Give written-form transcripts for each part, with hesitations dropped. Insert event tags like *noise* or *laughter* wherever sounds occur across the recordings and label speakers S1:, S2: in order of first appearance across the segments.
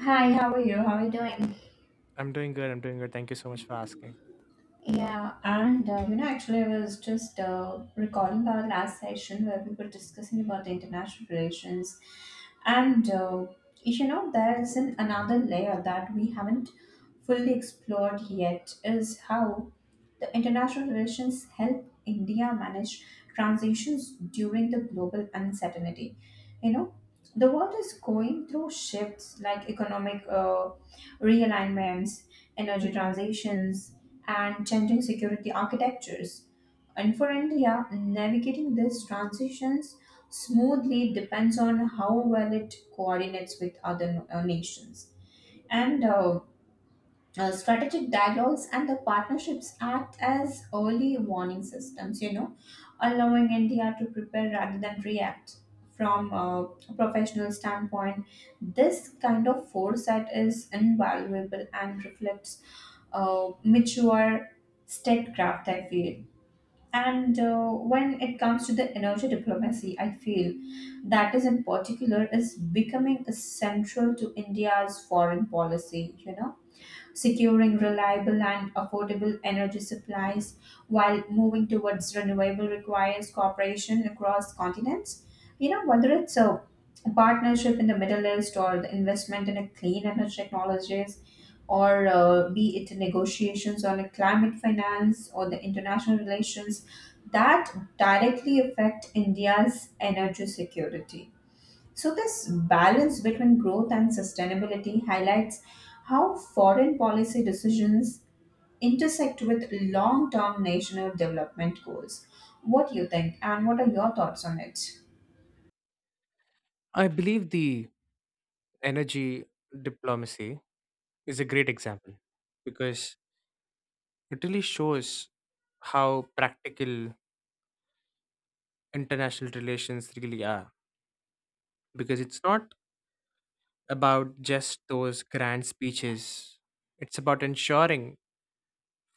S1: Hi, how are you? How are you doing?
S2: I'm doing good. I'm doing good. Thank you so much for asking.
S1: Yeah, actually, I was just recalling our last session where we were discussing about the international relations, and uh, there's another layer that we haven't fully explored yet is how the international relations help India manage transitions during the global uncertainty. You know, the world is going through shifts like economic realignments, energy transitions, and changing security architectures. And for India, navigating these transitions smoothly depends on how well it coordinates with other nations, and strategic dialogues and the partnerships act as early warning systems, you know, allowing India to prepare rather than react. From a professional standpoint, this kind of foresight is invaluable and reflects mature statecraft, I feel. And when it comes to the energy diplomacy, I feel that is in particular is becoming essential to India's foreign policy, you know, securing reliable and affordable energy supplies while moving towards renewable requires cooperation across continents. You know, whether it's a partnership in the Middle East or the investment in a clean energy technologies, or be it negotiations on a climate finance or the international relations that directly affect India's energy security. So, this balance between growth and sustainability highlights how foreign policy decisions intersect with long term national development goals. What do you think, and what are your thoughts on it?
S2: I believe the energy diplomacy is a great example because it really shows how practical international relations really are. Because it's not about just those grand speeches, it's about ensuring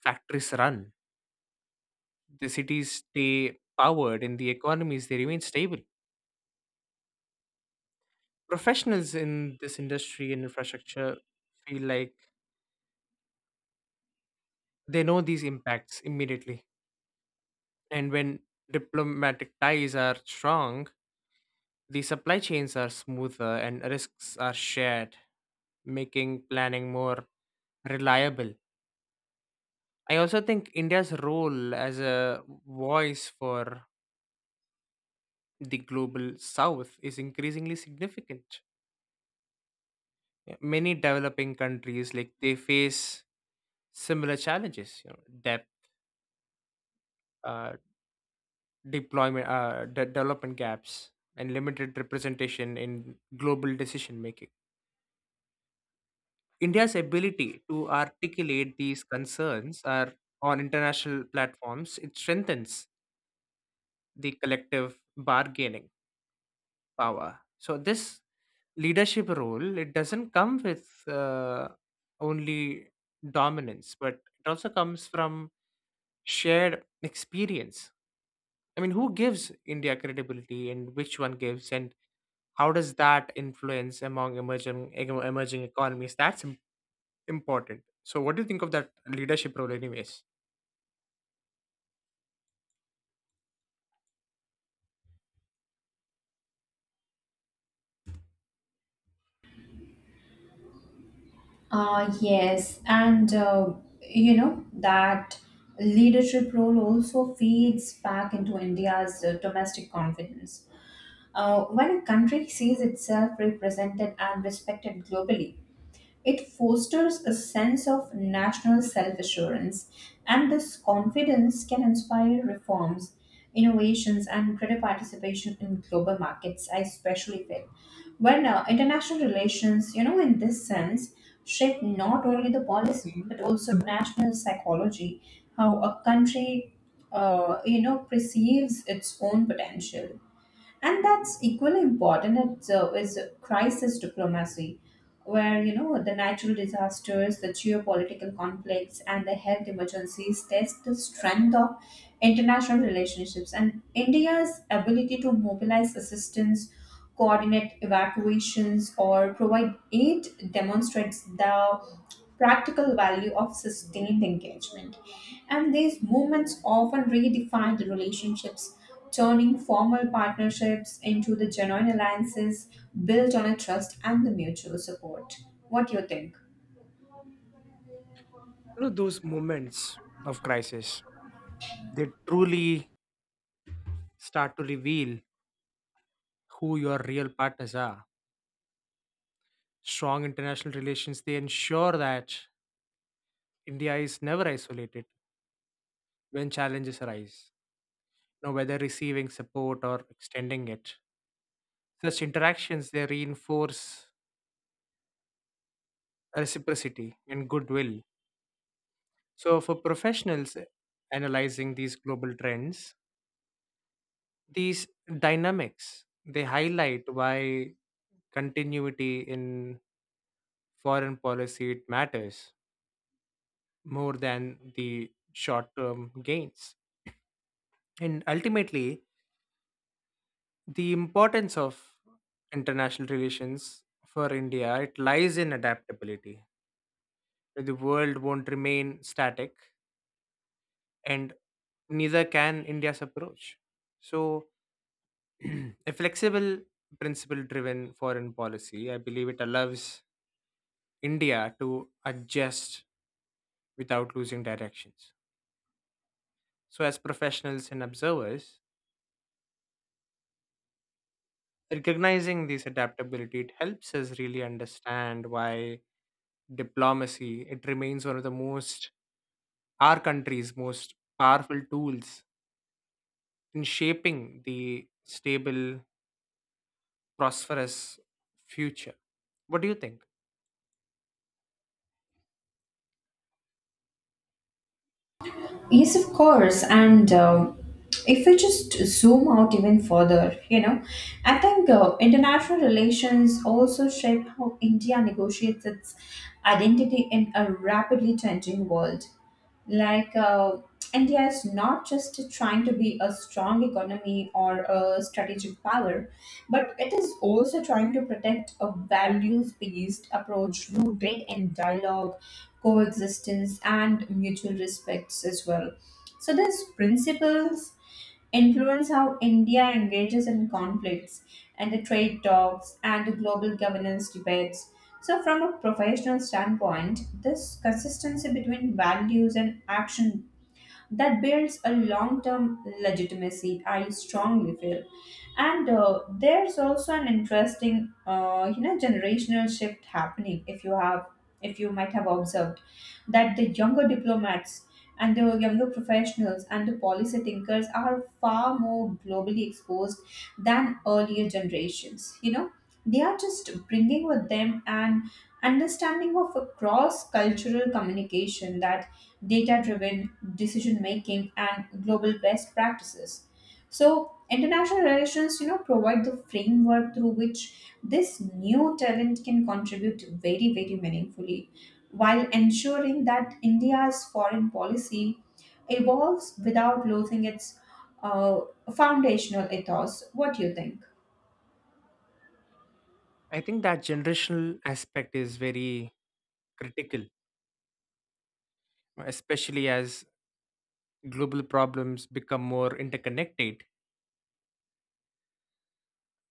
S2: factories run, the cities stay powered, and the economies they remain stable. Professionals in this industry and infrastructure feel like they know these impacts immediately. And when diplomatic ties are strong, the supply chains are smoother and risks are shared, making planning more reliable. I also think India's role as a voice for the global south is increasingly significant. Yeah, many developing countries like they face similar challenges, you know, debt, uh, deployment, development gaps, and limited representation in global decision making. India's ability to articulate these concerns are on international platforms, it strengthens the collective bargaining power. So this leadership role, it doesn't come with only dominance, but it also comes from shared experience. I mean, who gives India credibility, and which one gives, and how does that influence among emerging economies? Important. So, what do you think of that leadership role, anyways?
S1: Yes, and you know, that leadership role also feeds back into India's domestic confidence. When a country sees itself represented and respected globally, it fosters a sense of national self assurance, and this confidence can inspire reforms, innovations, and greater participation in global markets. I especially feel when international relations, you know, in this sense, shape not only the policy but also national psychology, how a country, you know, perceives its own potential, and that's equally important. It, is crisis diplomacy where you know the natural disasters, the geopolitical conflicts, and the health emergencies test the strength of international relationships, and India's ability to mobilize assistance, coordinate evacuations, or provide aid demonstrates the practical value of sustained engagement. And these movements often redefine the relationships, turning formal partnerships into the genuine alliances built on a trust and the mutual support. What do you think?
S2: You know, those moments of crisis, they truly start to reveal who your real partners are. Strong international relations, they ensure that India is never isolated when challenges arise. You know, whether receiving support or extending it, such interactions they reinforce reciprocity and goodwill. So for professionals analyzing these global trends, these dynamics they highlight why continuity in foreign policy it matters more than the short-term gains. And ultimately, the importance of international relations for India it lies in adaptability. The world won't remain static, and neither can India's approach. So, *clears throat* a flexible, principle-driven foreign policy, I believe, it allows India to adjust without losing directions. So, as professionals and observers, recognizing this adaptability it helps us really understand why diplomacy it remains one of the most, our country's most powerful tools in shaping the stable, prosperous future. What do you think?
S1: Yes, of course. And if we just zoom out even further, you know, I think international relations also shape how India negotiates its identity in a rapidly changing world. Like, India is not just trying to be a strong economy or a strategic power, but it is also trying to protect a values based approach rooted in dialogue, coexistence, and mutual respects as well. So these principles influence how India engages in conflicts and the trade talks and the global governance debates. So, from a professional standpoint, this consistency between values and action that builds a long term legitimacy, I strongly feel. And there's also an interesting, you know, generational shift happening If you might have observed that the younger diplomats and the younger professionals and the policy thinkers are far more globally exposed than earlier generations. You know, they are just bringing with them an understanding of a cross cultural communication, that data driven decision making, and global best practices. So international relations, you know, provide the framework through which this new talent can contribute very very meaningfully, while ensuring that India's foreign policy evolves without losing its uh, foundational ethos. What do you think?
S2: I think that generational aspect is very critical, especially as global problems become more interconnected,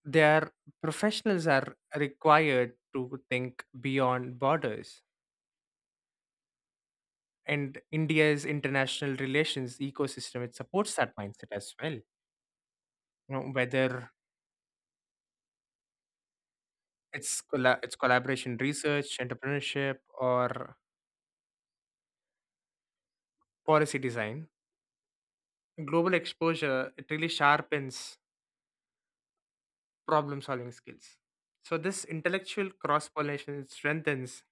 S2: their professionals are required to think beyond borders, and India's international relations ecosystem it supports that mindset as well. You know, whether it's collaboration, research, entrepreneurship, or policy design. Global exposure it really sharpens problem solving skills. So this intellectual cross pollination strengthens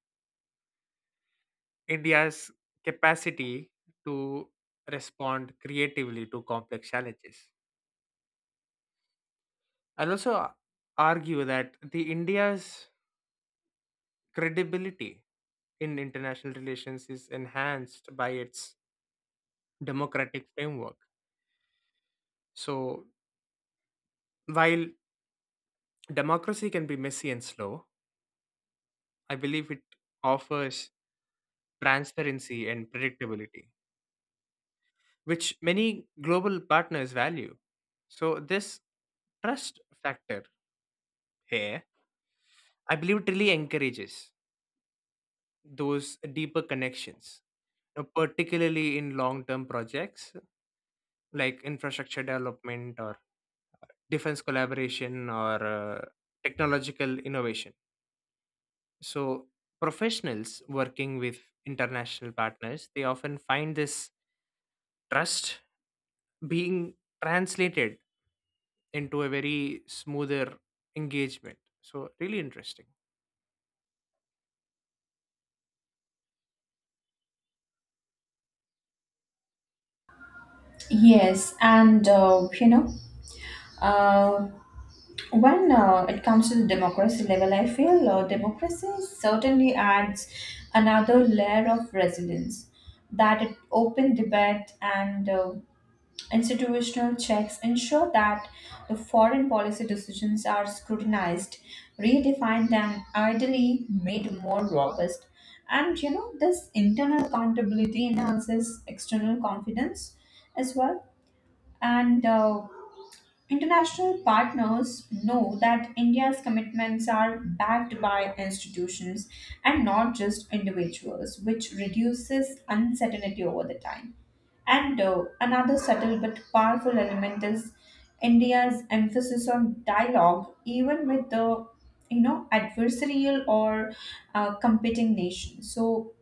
S2: India's capacity to respond creatively to complex challenges. I'll also argue that the India's credibility in international relations is enhanced by its democratic framework. So, while democracy can be messy and slow, I believe it offers transparency and predictability, which many global partners value. So, this trust factor here, I believe, it really encourages those deeper connections, particularly in long term projects like infrastructure development or defense collaboration, or technological innovation. So, professionals working with international partners, they often find this trust being translated into a very smoother engagement. So, really interesting.
S1: Yes, and uh, when it comes to the democracy level, I feel democracy certainly adds another layer of resilience. That it open debate and institutional checks ensure that the foreign policy decisions are scrutinized, redefined, and ideally made more robust. And you know, this internal accountability enhances external confidence as well. And International partners know that India's commitments are backed by institutions and not just individuals, which reduces uncertainty over the time. And another subtle but powerful element is India's emphasis on dialogue, even with the you know adversarial or competing nations. So,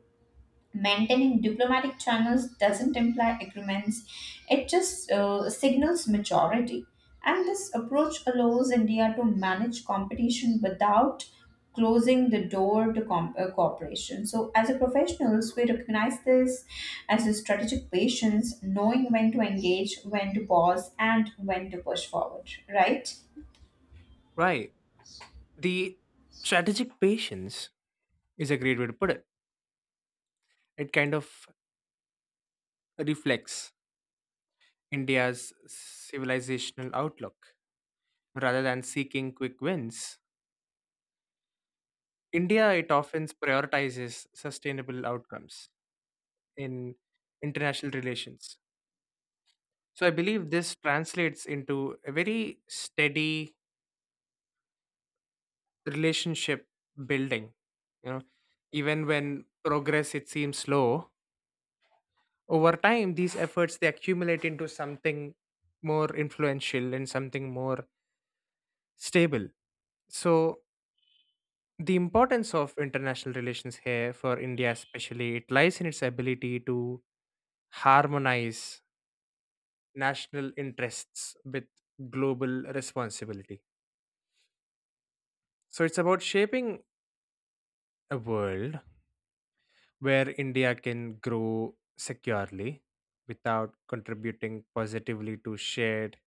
S1: maintaining diplomatic channels doesn't imply agreements, it just signals maturity. And this approach allows India to manage competition without closing the door to cooperation. So, as a professionals, we recognize this as a strategic patience, knowing when to engage, when to pause, and when to push forward, right?
S2: Right. The strategic patience is a great way to put it. It kind of reflects India's civilizational outlook. Rather than seeking quick wins, India, it often prioritizes sustainable outcomes in international relations. So I believe this translates into a very steady relationship building. You know, even when progress it seems slow, over time these efforts they accumulate into something more influential and something more stable. So the importance of international relations here for India especially it lies in its ability to harmonize national interests with global responsibility. So it's about shaping a world where India can grow securely without contributing positively to shared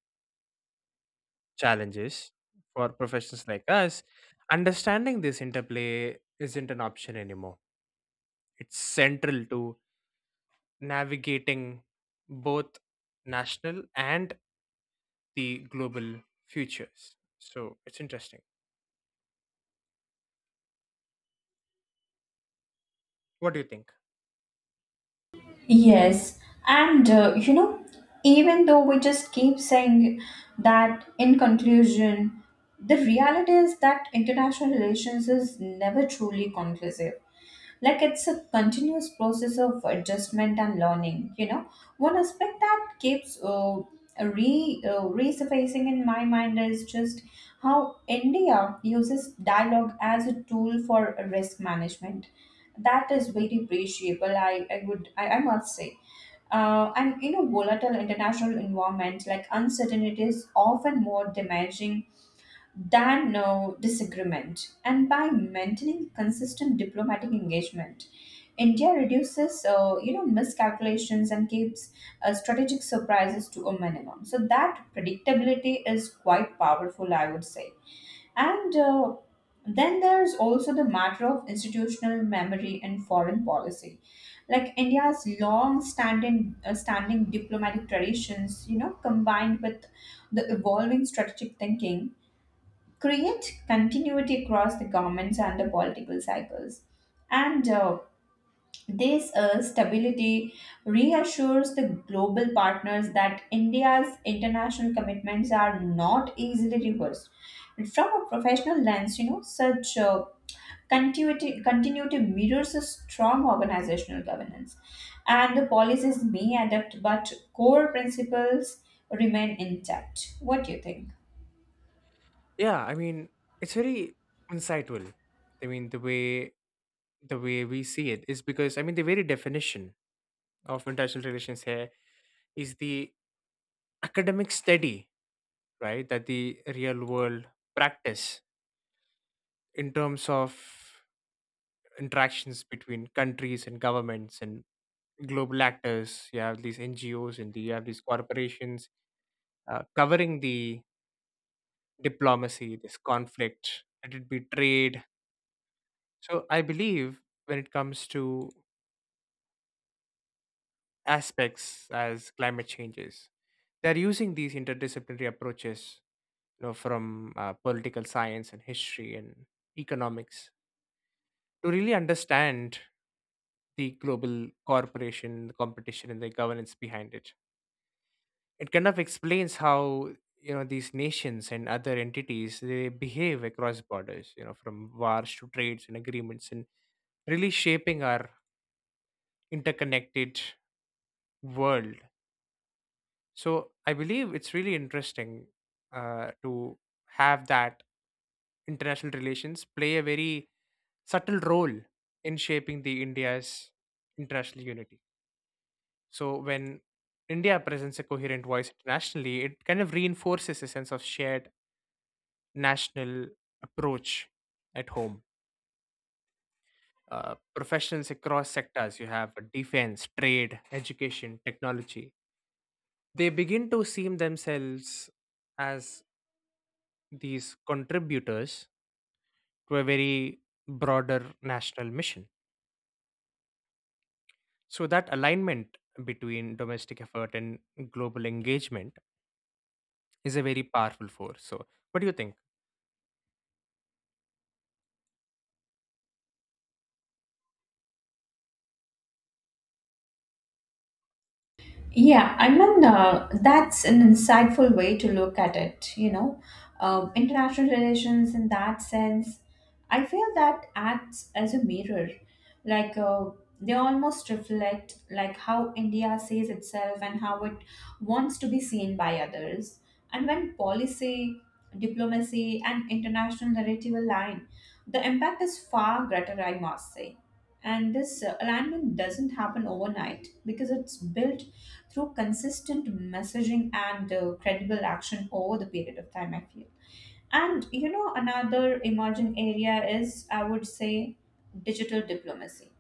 S2: challenges for professionals like us. Understanding this interplay isn't an option anymore. It's central to navigating both national and the global futures. So it's interesting. What do you think?
S1: Yes, and you know, even though we just keep saying that in conclusion, the reality is that international relations is never truly conclusive. Like, it's a continuous process of adjustment and learning. You know, one aspect that keeps re resurfacing in my mind is just how India uses dialogue as a tool for risk management. That is very appreciable. I must say and in a volatile international environment, like uncertainty is often more damaging than no disagreement. And by maintaining consistent diplomatic engagement, India reduces, you know, miscalculations and keeps strategic surprises to a minimum. So that predictability is quite powerful, I would say. And then there's also the matter of institutional memory and foreign policy. Like India's long-standing standing diplomatic traditions, you know, combined with the evolving strategic thinking, create continuity across the governments and the political cycles. And this stability reassures the global partners that India's international commitments are not easily reversed. From a professional lens, you know, such continuity mirrors a strong organizational governance. And the policies may adapt, but core principles remain intact. What do you think?
S2: Yeah, I mean, it's very insightful. I mean, the way we see it is because I mean the very definition of international relations here is the academic study, right? That the real world practice in terms of interactions between countries and governments and global actors. You have these NGOs and you have these corporations covering the diplomacy, this conflict, let it be trade. So I believe when it comes to aspects as climate changes. They're using these interdisciplinary approaches, you know, from political science and history and economics to really understand the global corporation, the competition, and the governance behind it. It kind of explains how, you know, these nations and other entities they behave across borders. You know, from wars to trades and agreements, and really shaping our interconnected world. So I believe it's really interesting to have that international relations play a very subtle role in shaping the India's international unity. So when India presents a coherent voice internationally, it kind of reinforces a sense of shared national approach at home. Professionals across sectors, you have defense, trade, education, technology, they begin to see themselves as these contributors to a very broader national mission. So, that alignment between domestic effort and global engagement is a very powerful force. So, what do you think?
S1: Yeah, I mean, that's an insightful way to look at it, you know. International relations, in that sense, I feel that acts as a mirror. Like, they almost reflect like how India sees itself and how it wants to be seen by others. And when policy, diplomacy, and international narrative align, the impact is far greater, I must say. And this alignment doesn't happen overnight because it's built through consistent messaging and credible action over the period of time, I feel. And you know, another emerging area is, I would say, digital diplomacy,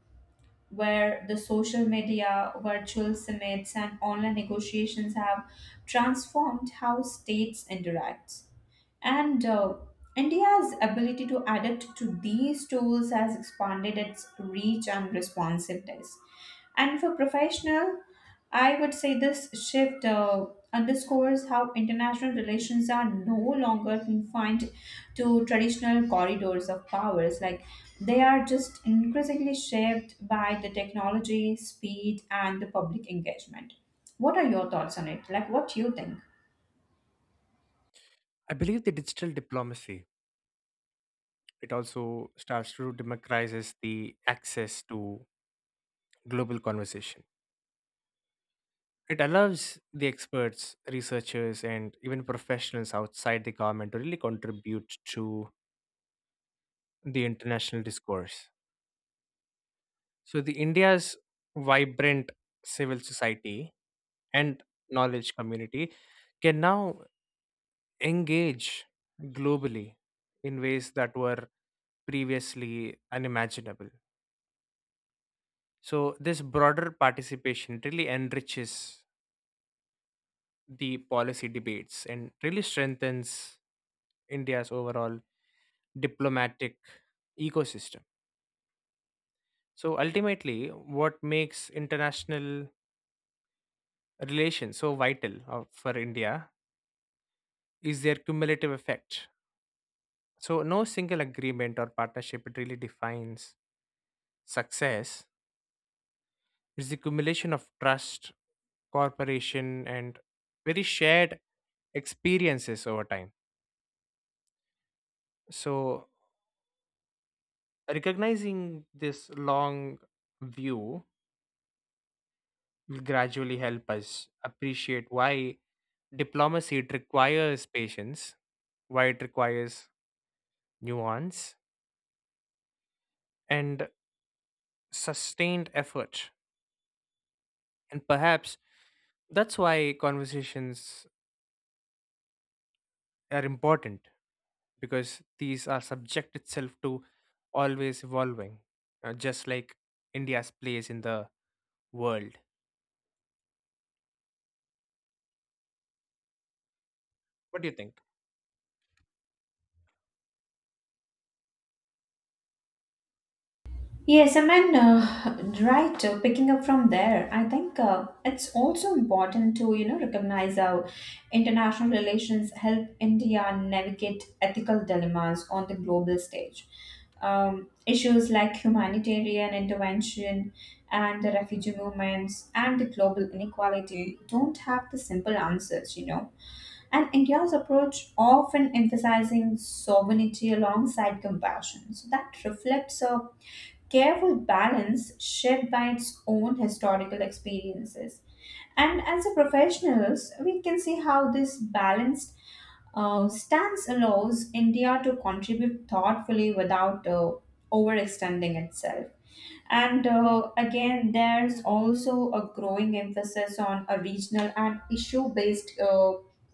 S1: where the social media, virtual summits, and online negotiations have transformed how states interact. And India's ability to adapt to these tools has expanded its reach and responsiveness. And for professional, I would say this shift underscores how international relations are no longer confined to traditional corridors of powers. Like, they are just increasingly shaped by the technology, speed, and the public engagement. What are your thoughts on it? Like, what do you think?
S2: I believe the digital diplomacy it also starts to democratizes the access to global conversation. It allows the experts, researchers, and even professionals outside the government to really contribute to the international discourse. So the India's vibrant civil society and knowledge community can now engage globally in ways that were previously unimaginable. So this broader participation really enriches the policy debates and really strengthens India's overall diplomatic ecosystem. So ultimately, what makes international relations so vital for India is their cumulative effect. So, no single agreement or partnership it really defines success. It's the accumulation of trust, cooperation, and very shared experiences over time. So, recognizing this long view will gradually help us appreciate why diplomacy it requires patience, why it requires nuance, and sustained effort, and perhaps that's why conversations are important, because these are subject itself to always evolving, just like India's place in the world. What do you think?
S1: Yes, I mean, right, picking up from there, I think it's also important to, you know, recognize how international relations help India navigate ethical dilemmas on the global stage. Issues like humanitarian intervention and the refugee movements and the global inequality don't have the simple answers, you know, and India's approach often emphasizing sovereignty alongside compassion. So that reflects a careful balance shaped by its own historical experiences. And as a professionals, we can see how this balanced stance allows India to contribute thoughtfully without overextending itself. And again, there's also a growing emphasis on a regional and issue based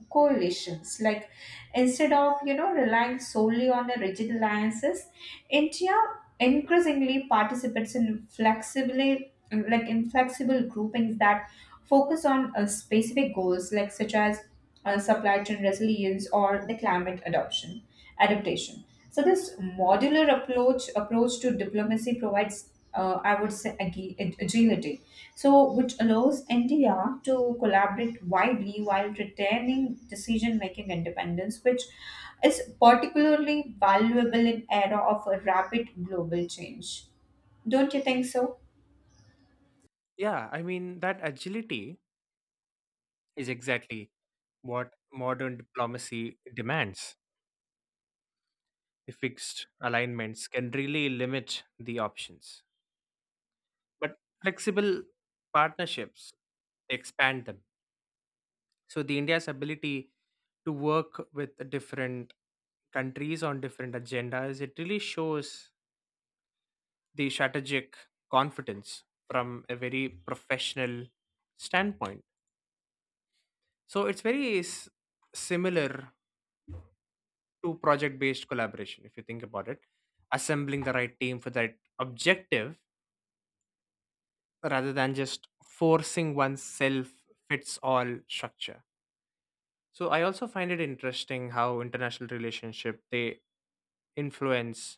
S1: coalitions. Like, instead of you know relying solely on the rigid alliances, India increasingly participates in flexibly, like in flexible groupings that focus on specific goals like such as supply chain resilience or the climate adoption adaptation. So this modular approach approach to diplomacy provides, I would say, agility. So, which allows India to collaborate widely while retaining decision making independence, which is particularly valuable in era of a rapid global change. Don't you think so?
S2: Yeah, I mean, that agility is exactly what modern diplomacy demands. The fixed alignments can really limit the options, but flexible partnerships expand them. So the India's ability to work with different countries on different agendas, it really shows the strategic confidence from a very professional standpoint. So similar to project based collaboration, if you think about it, assembling the right team for that objective rather than just forcing oneself fits all structure. So I also find it interesting how international relationship they influence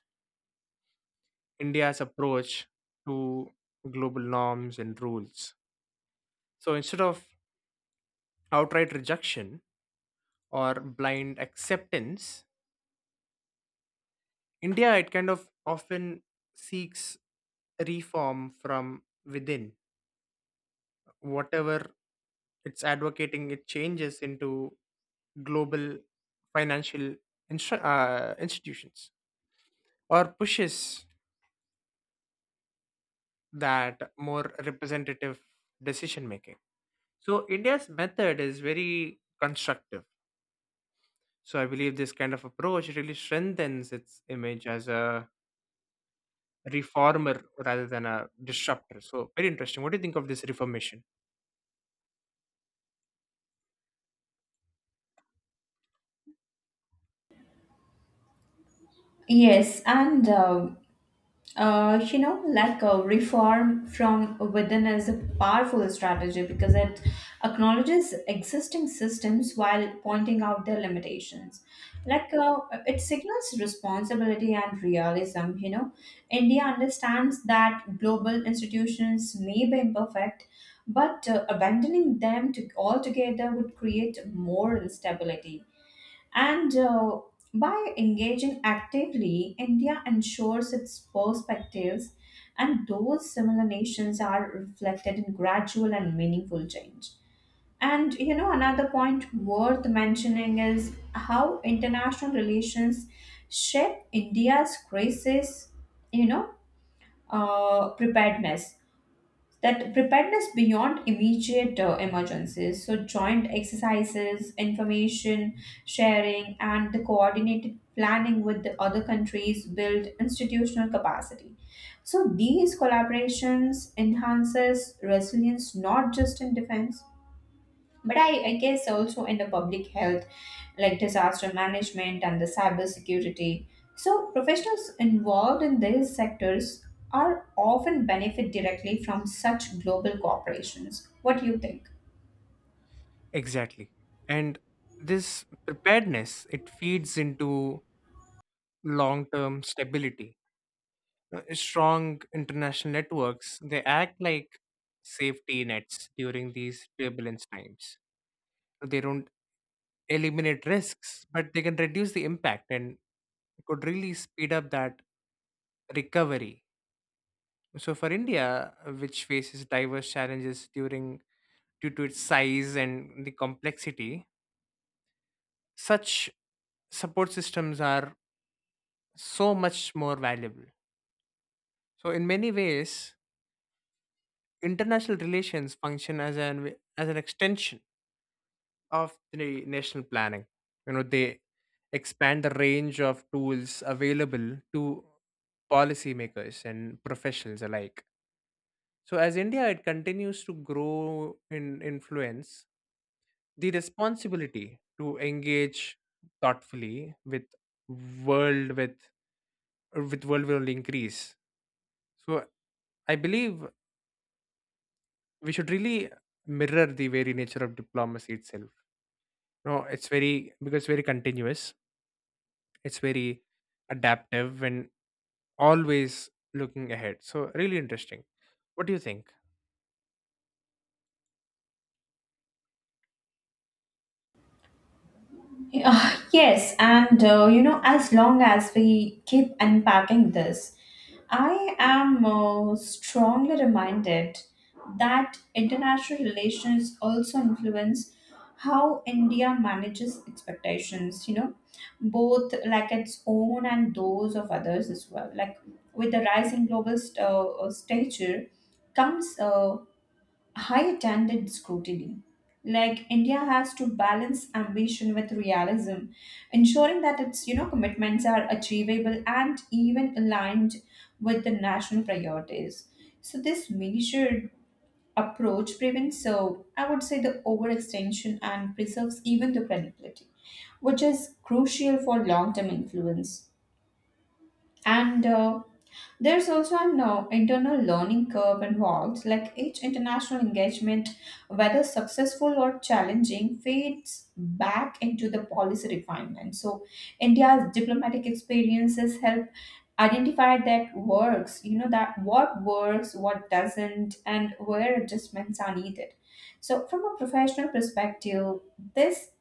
S2: India's approach to global norms and rules. So instead of outright rejection or blind acceptance, India it kind of often seeks reform from within. Whatever it's advocating, it changes into global financial institutions or pushes that more representative decision making. So India's method is very constructive. So I believe this kind of approach really strengthens its image as a reformer rather than a disruptor. So very interesting. What do you think of this reformation?
S1: Yes, and you know, like a reform from within is a powerful strategy because it acknowledges existing systems while pointing out their limitations. Like, it signals responsibility and realism. You know, India understands that global institutions may be imperfect, but abandoning them to altogether would create more instability. And by engaging actively, India ensures its perspectives and those similar nations are reflected in gradual and meaningful change. And you know, another point worth mentioning is how international relations shape India's crisis, you know, preparedness, that preparedness beyond immediate emergencies. So joint exercises, information sharing, and the coordinated planning with the other countries build institutional capacity. So these collaborations enhances resilience not just in defense, but I guess also in the public health, like disaster management and the cyber security. So professionals involved in these sectors are often benefit directly from such global corporations. What do you think?
S2: Exactly. And this preparedness, it feeds into long-term stability. Strong international networks, they act like safety nets during these turbulence times. They don't eliminate risks, but they can reduce the impact and could really speed up that recovery. So for India, which faces diverse challenges during due to its size and the complexity, such support systems are so much more valuable. So in many ways, international relations function as an extension of the national planning. You know, they expand the range of tools available to policymakers and professionals alike. So as India it continues to grow in influence, the responsibility to engage thoughtfully with world, with world will increase. So I believe we should really mirror the very nature of diplomacy itself. No, it's very, because it's very continuous, it's very adaptive and always looking ahead. So really interesting. What do you think?
S1: Yeah, *laughs* yes, and you know, as long as we keep unpacking this, I am strongly reminded that international relations also influence how India manages expectations, you know, both like its own and those of others as well. Like, with the rising global stature comes high attended scrutiny. Like, India has to balance ambition with realism, ensuring that its you know commitments are achievable and even aligned with the national priorities. So this measured approach prevents, so I would say, the overextension and preserves even the credibility, which is crucial for long-term influence. And there's also an internal learning curve involved, like each international engagement, whether successful or challenging, fades back into the policy refinement. So, India's diplomatic experiences help identify that what works, what doesn't, and where adjustments are needed. So, from a professional perspective, this,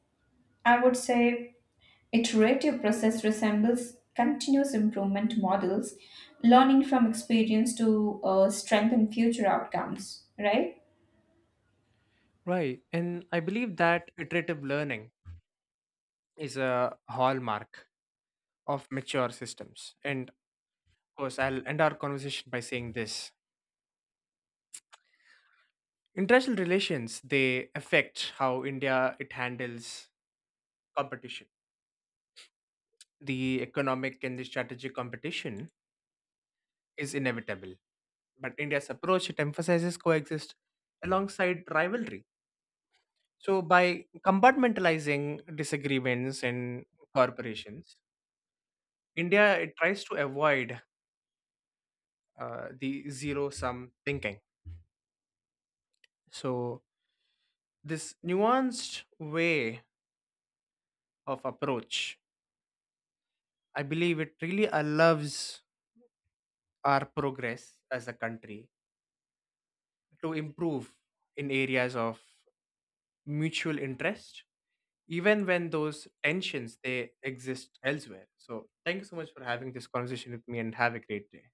S1: I would say, iterative process resembles continuous improvement models, learning from experience to strengthen future outcomes, right?
S2: Right, and I believe that iterative learning is a hallmark of mature systems. And of course, I'll end our conversation by saying this. International relations they affect how India it handles competition. The economic and the strategic competition is inevitable, but India's approach it emphasizes coexist alongside rivalry. So by compartmentalizing disagreements in corporations, India it tries to avoid the zero sum thinking. So this nuanced way of approach, I believe it really allows our progress as a country to improve in areas of mutual interest, even when those tensions they exist elsewhere. So thank you so much for having this conversation with me and have a great day.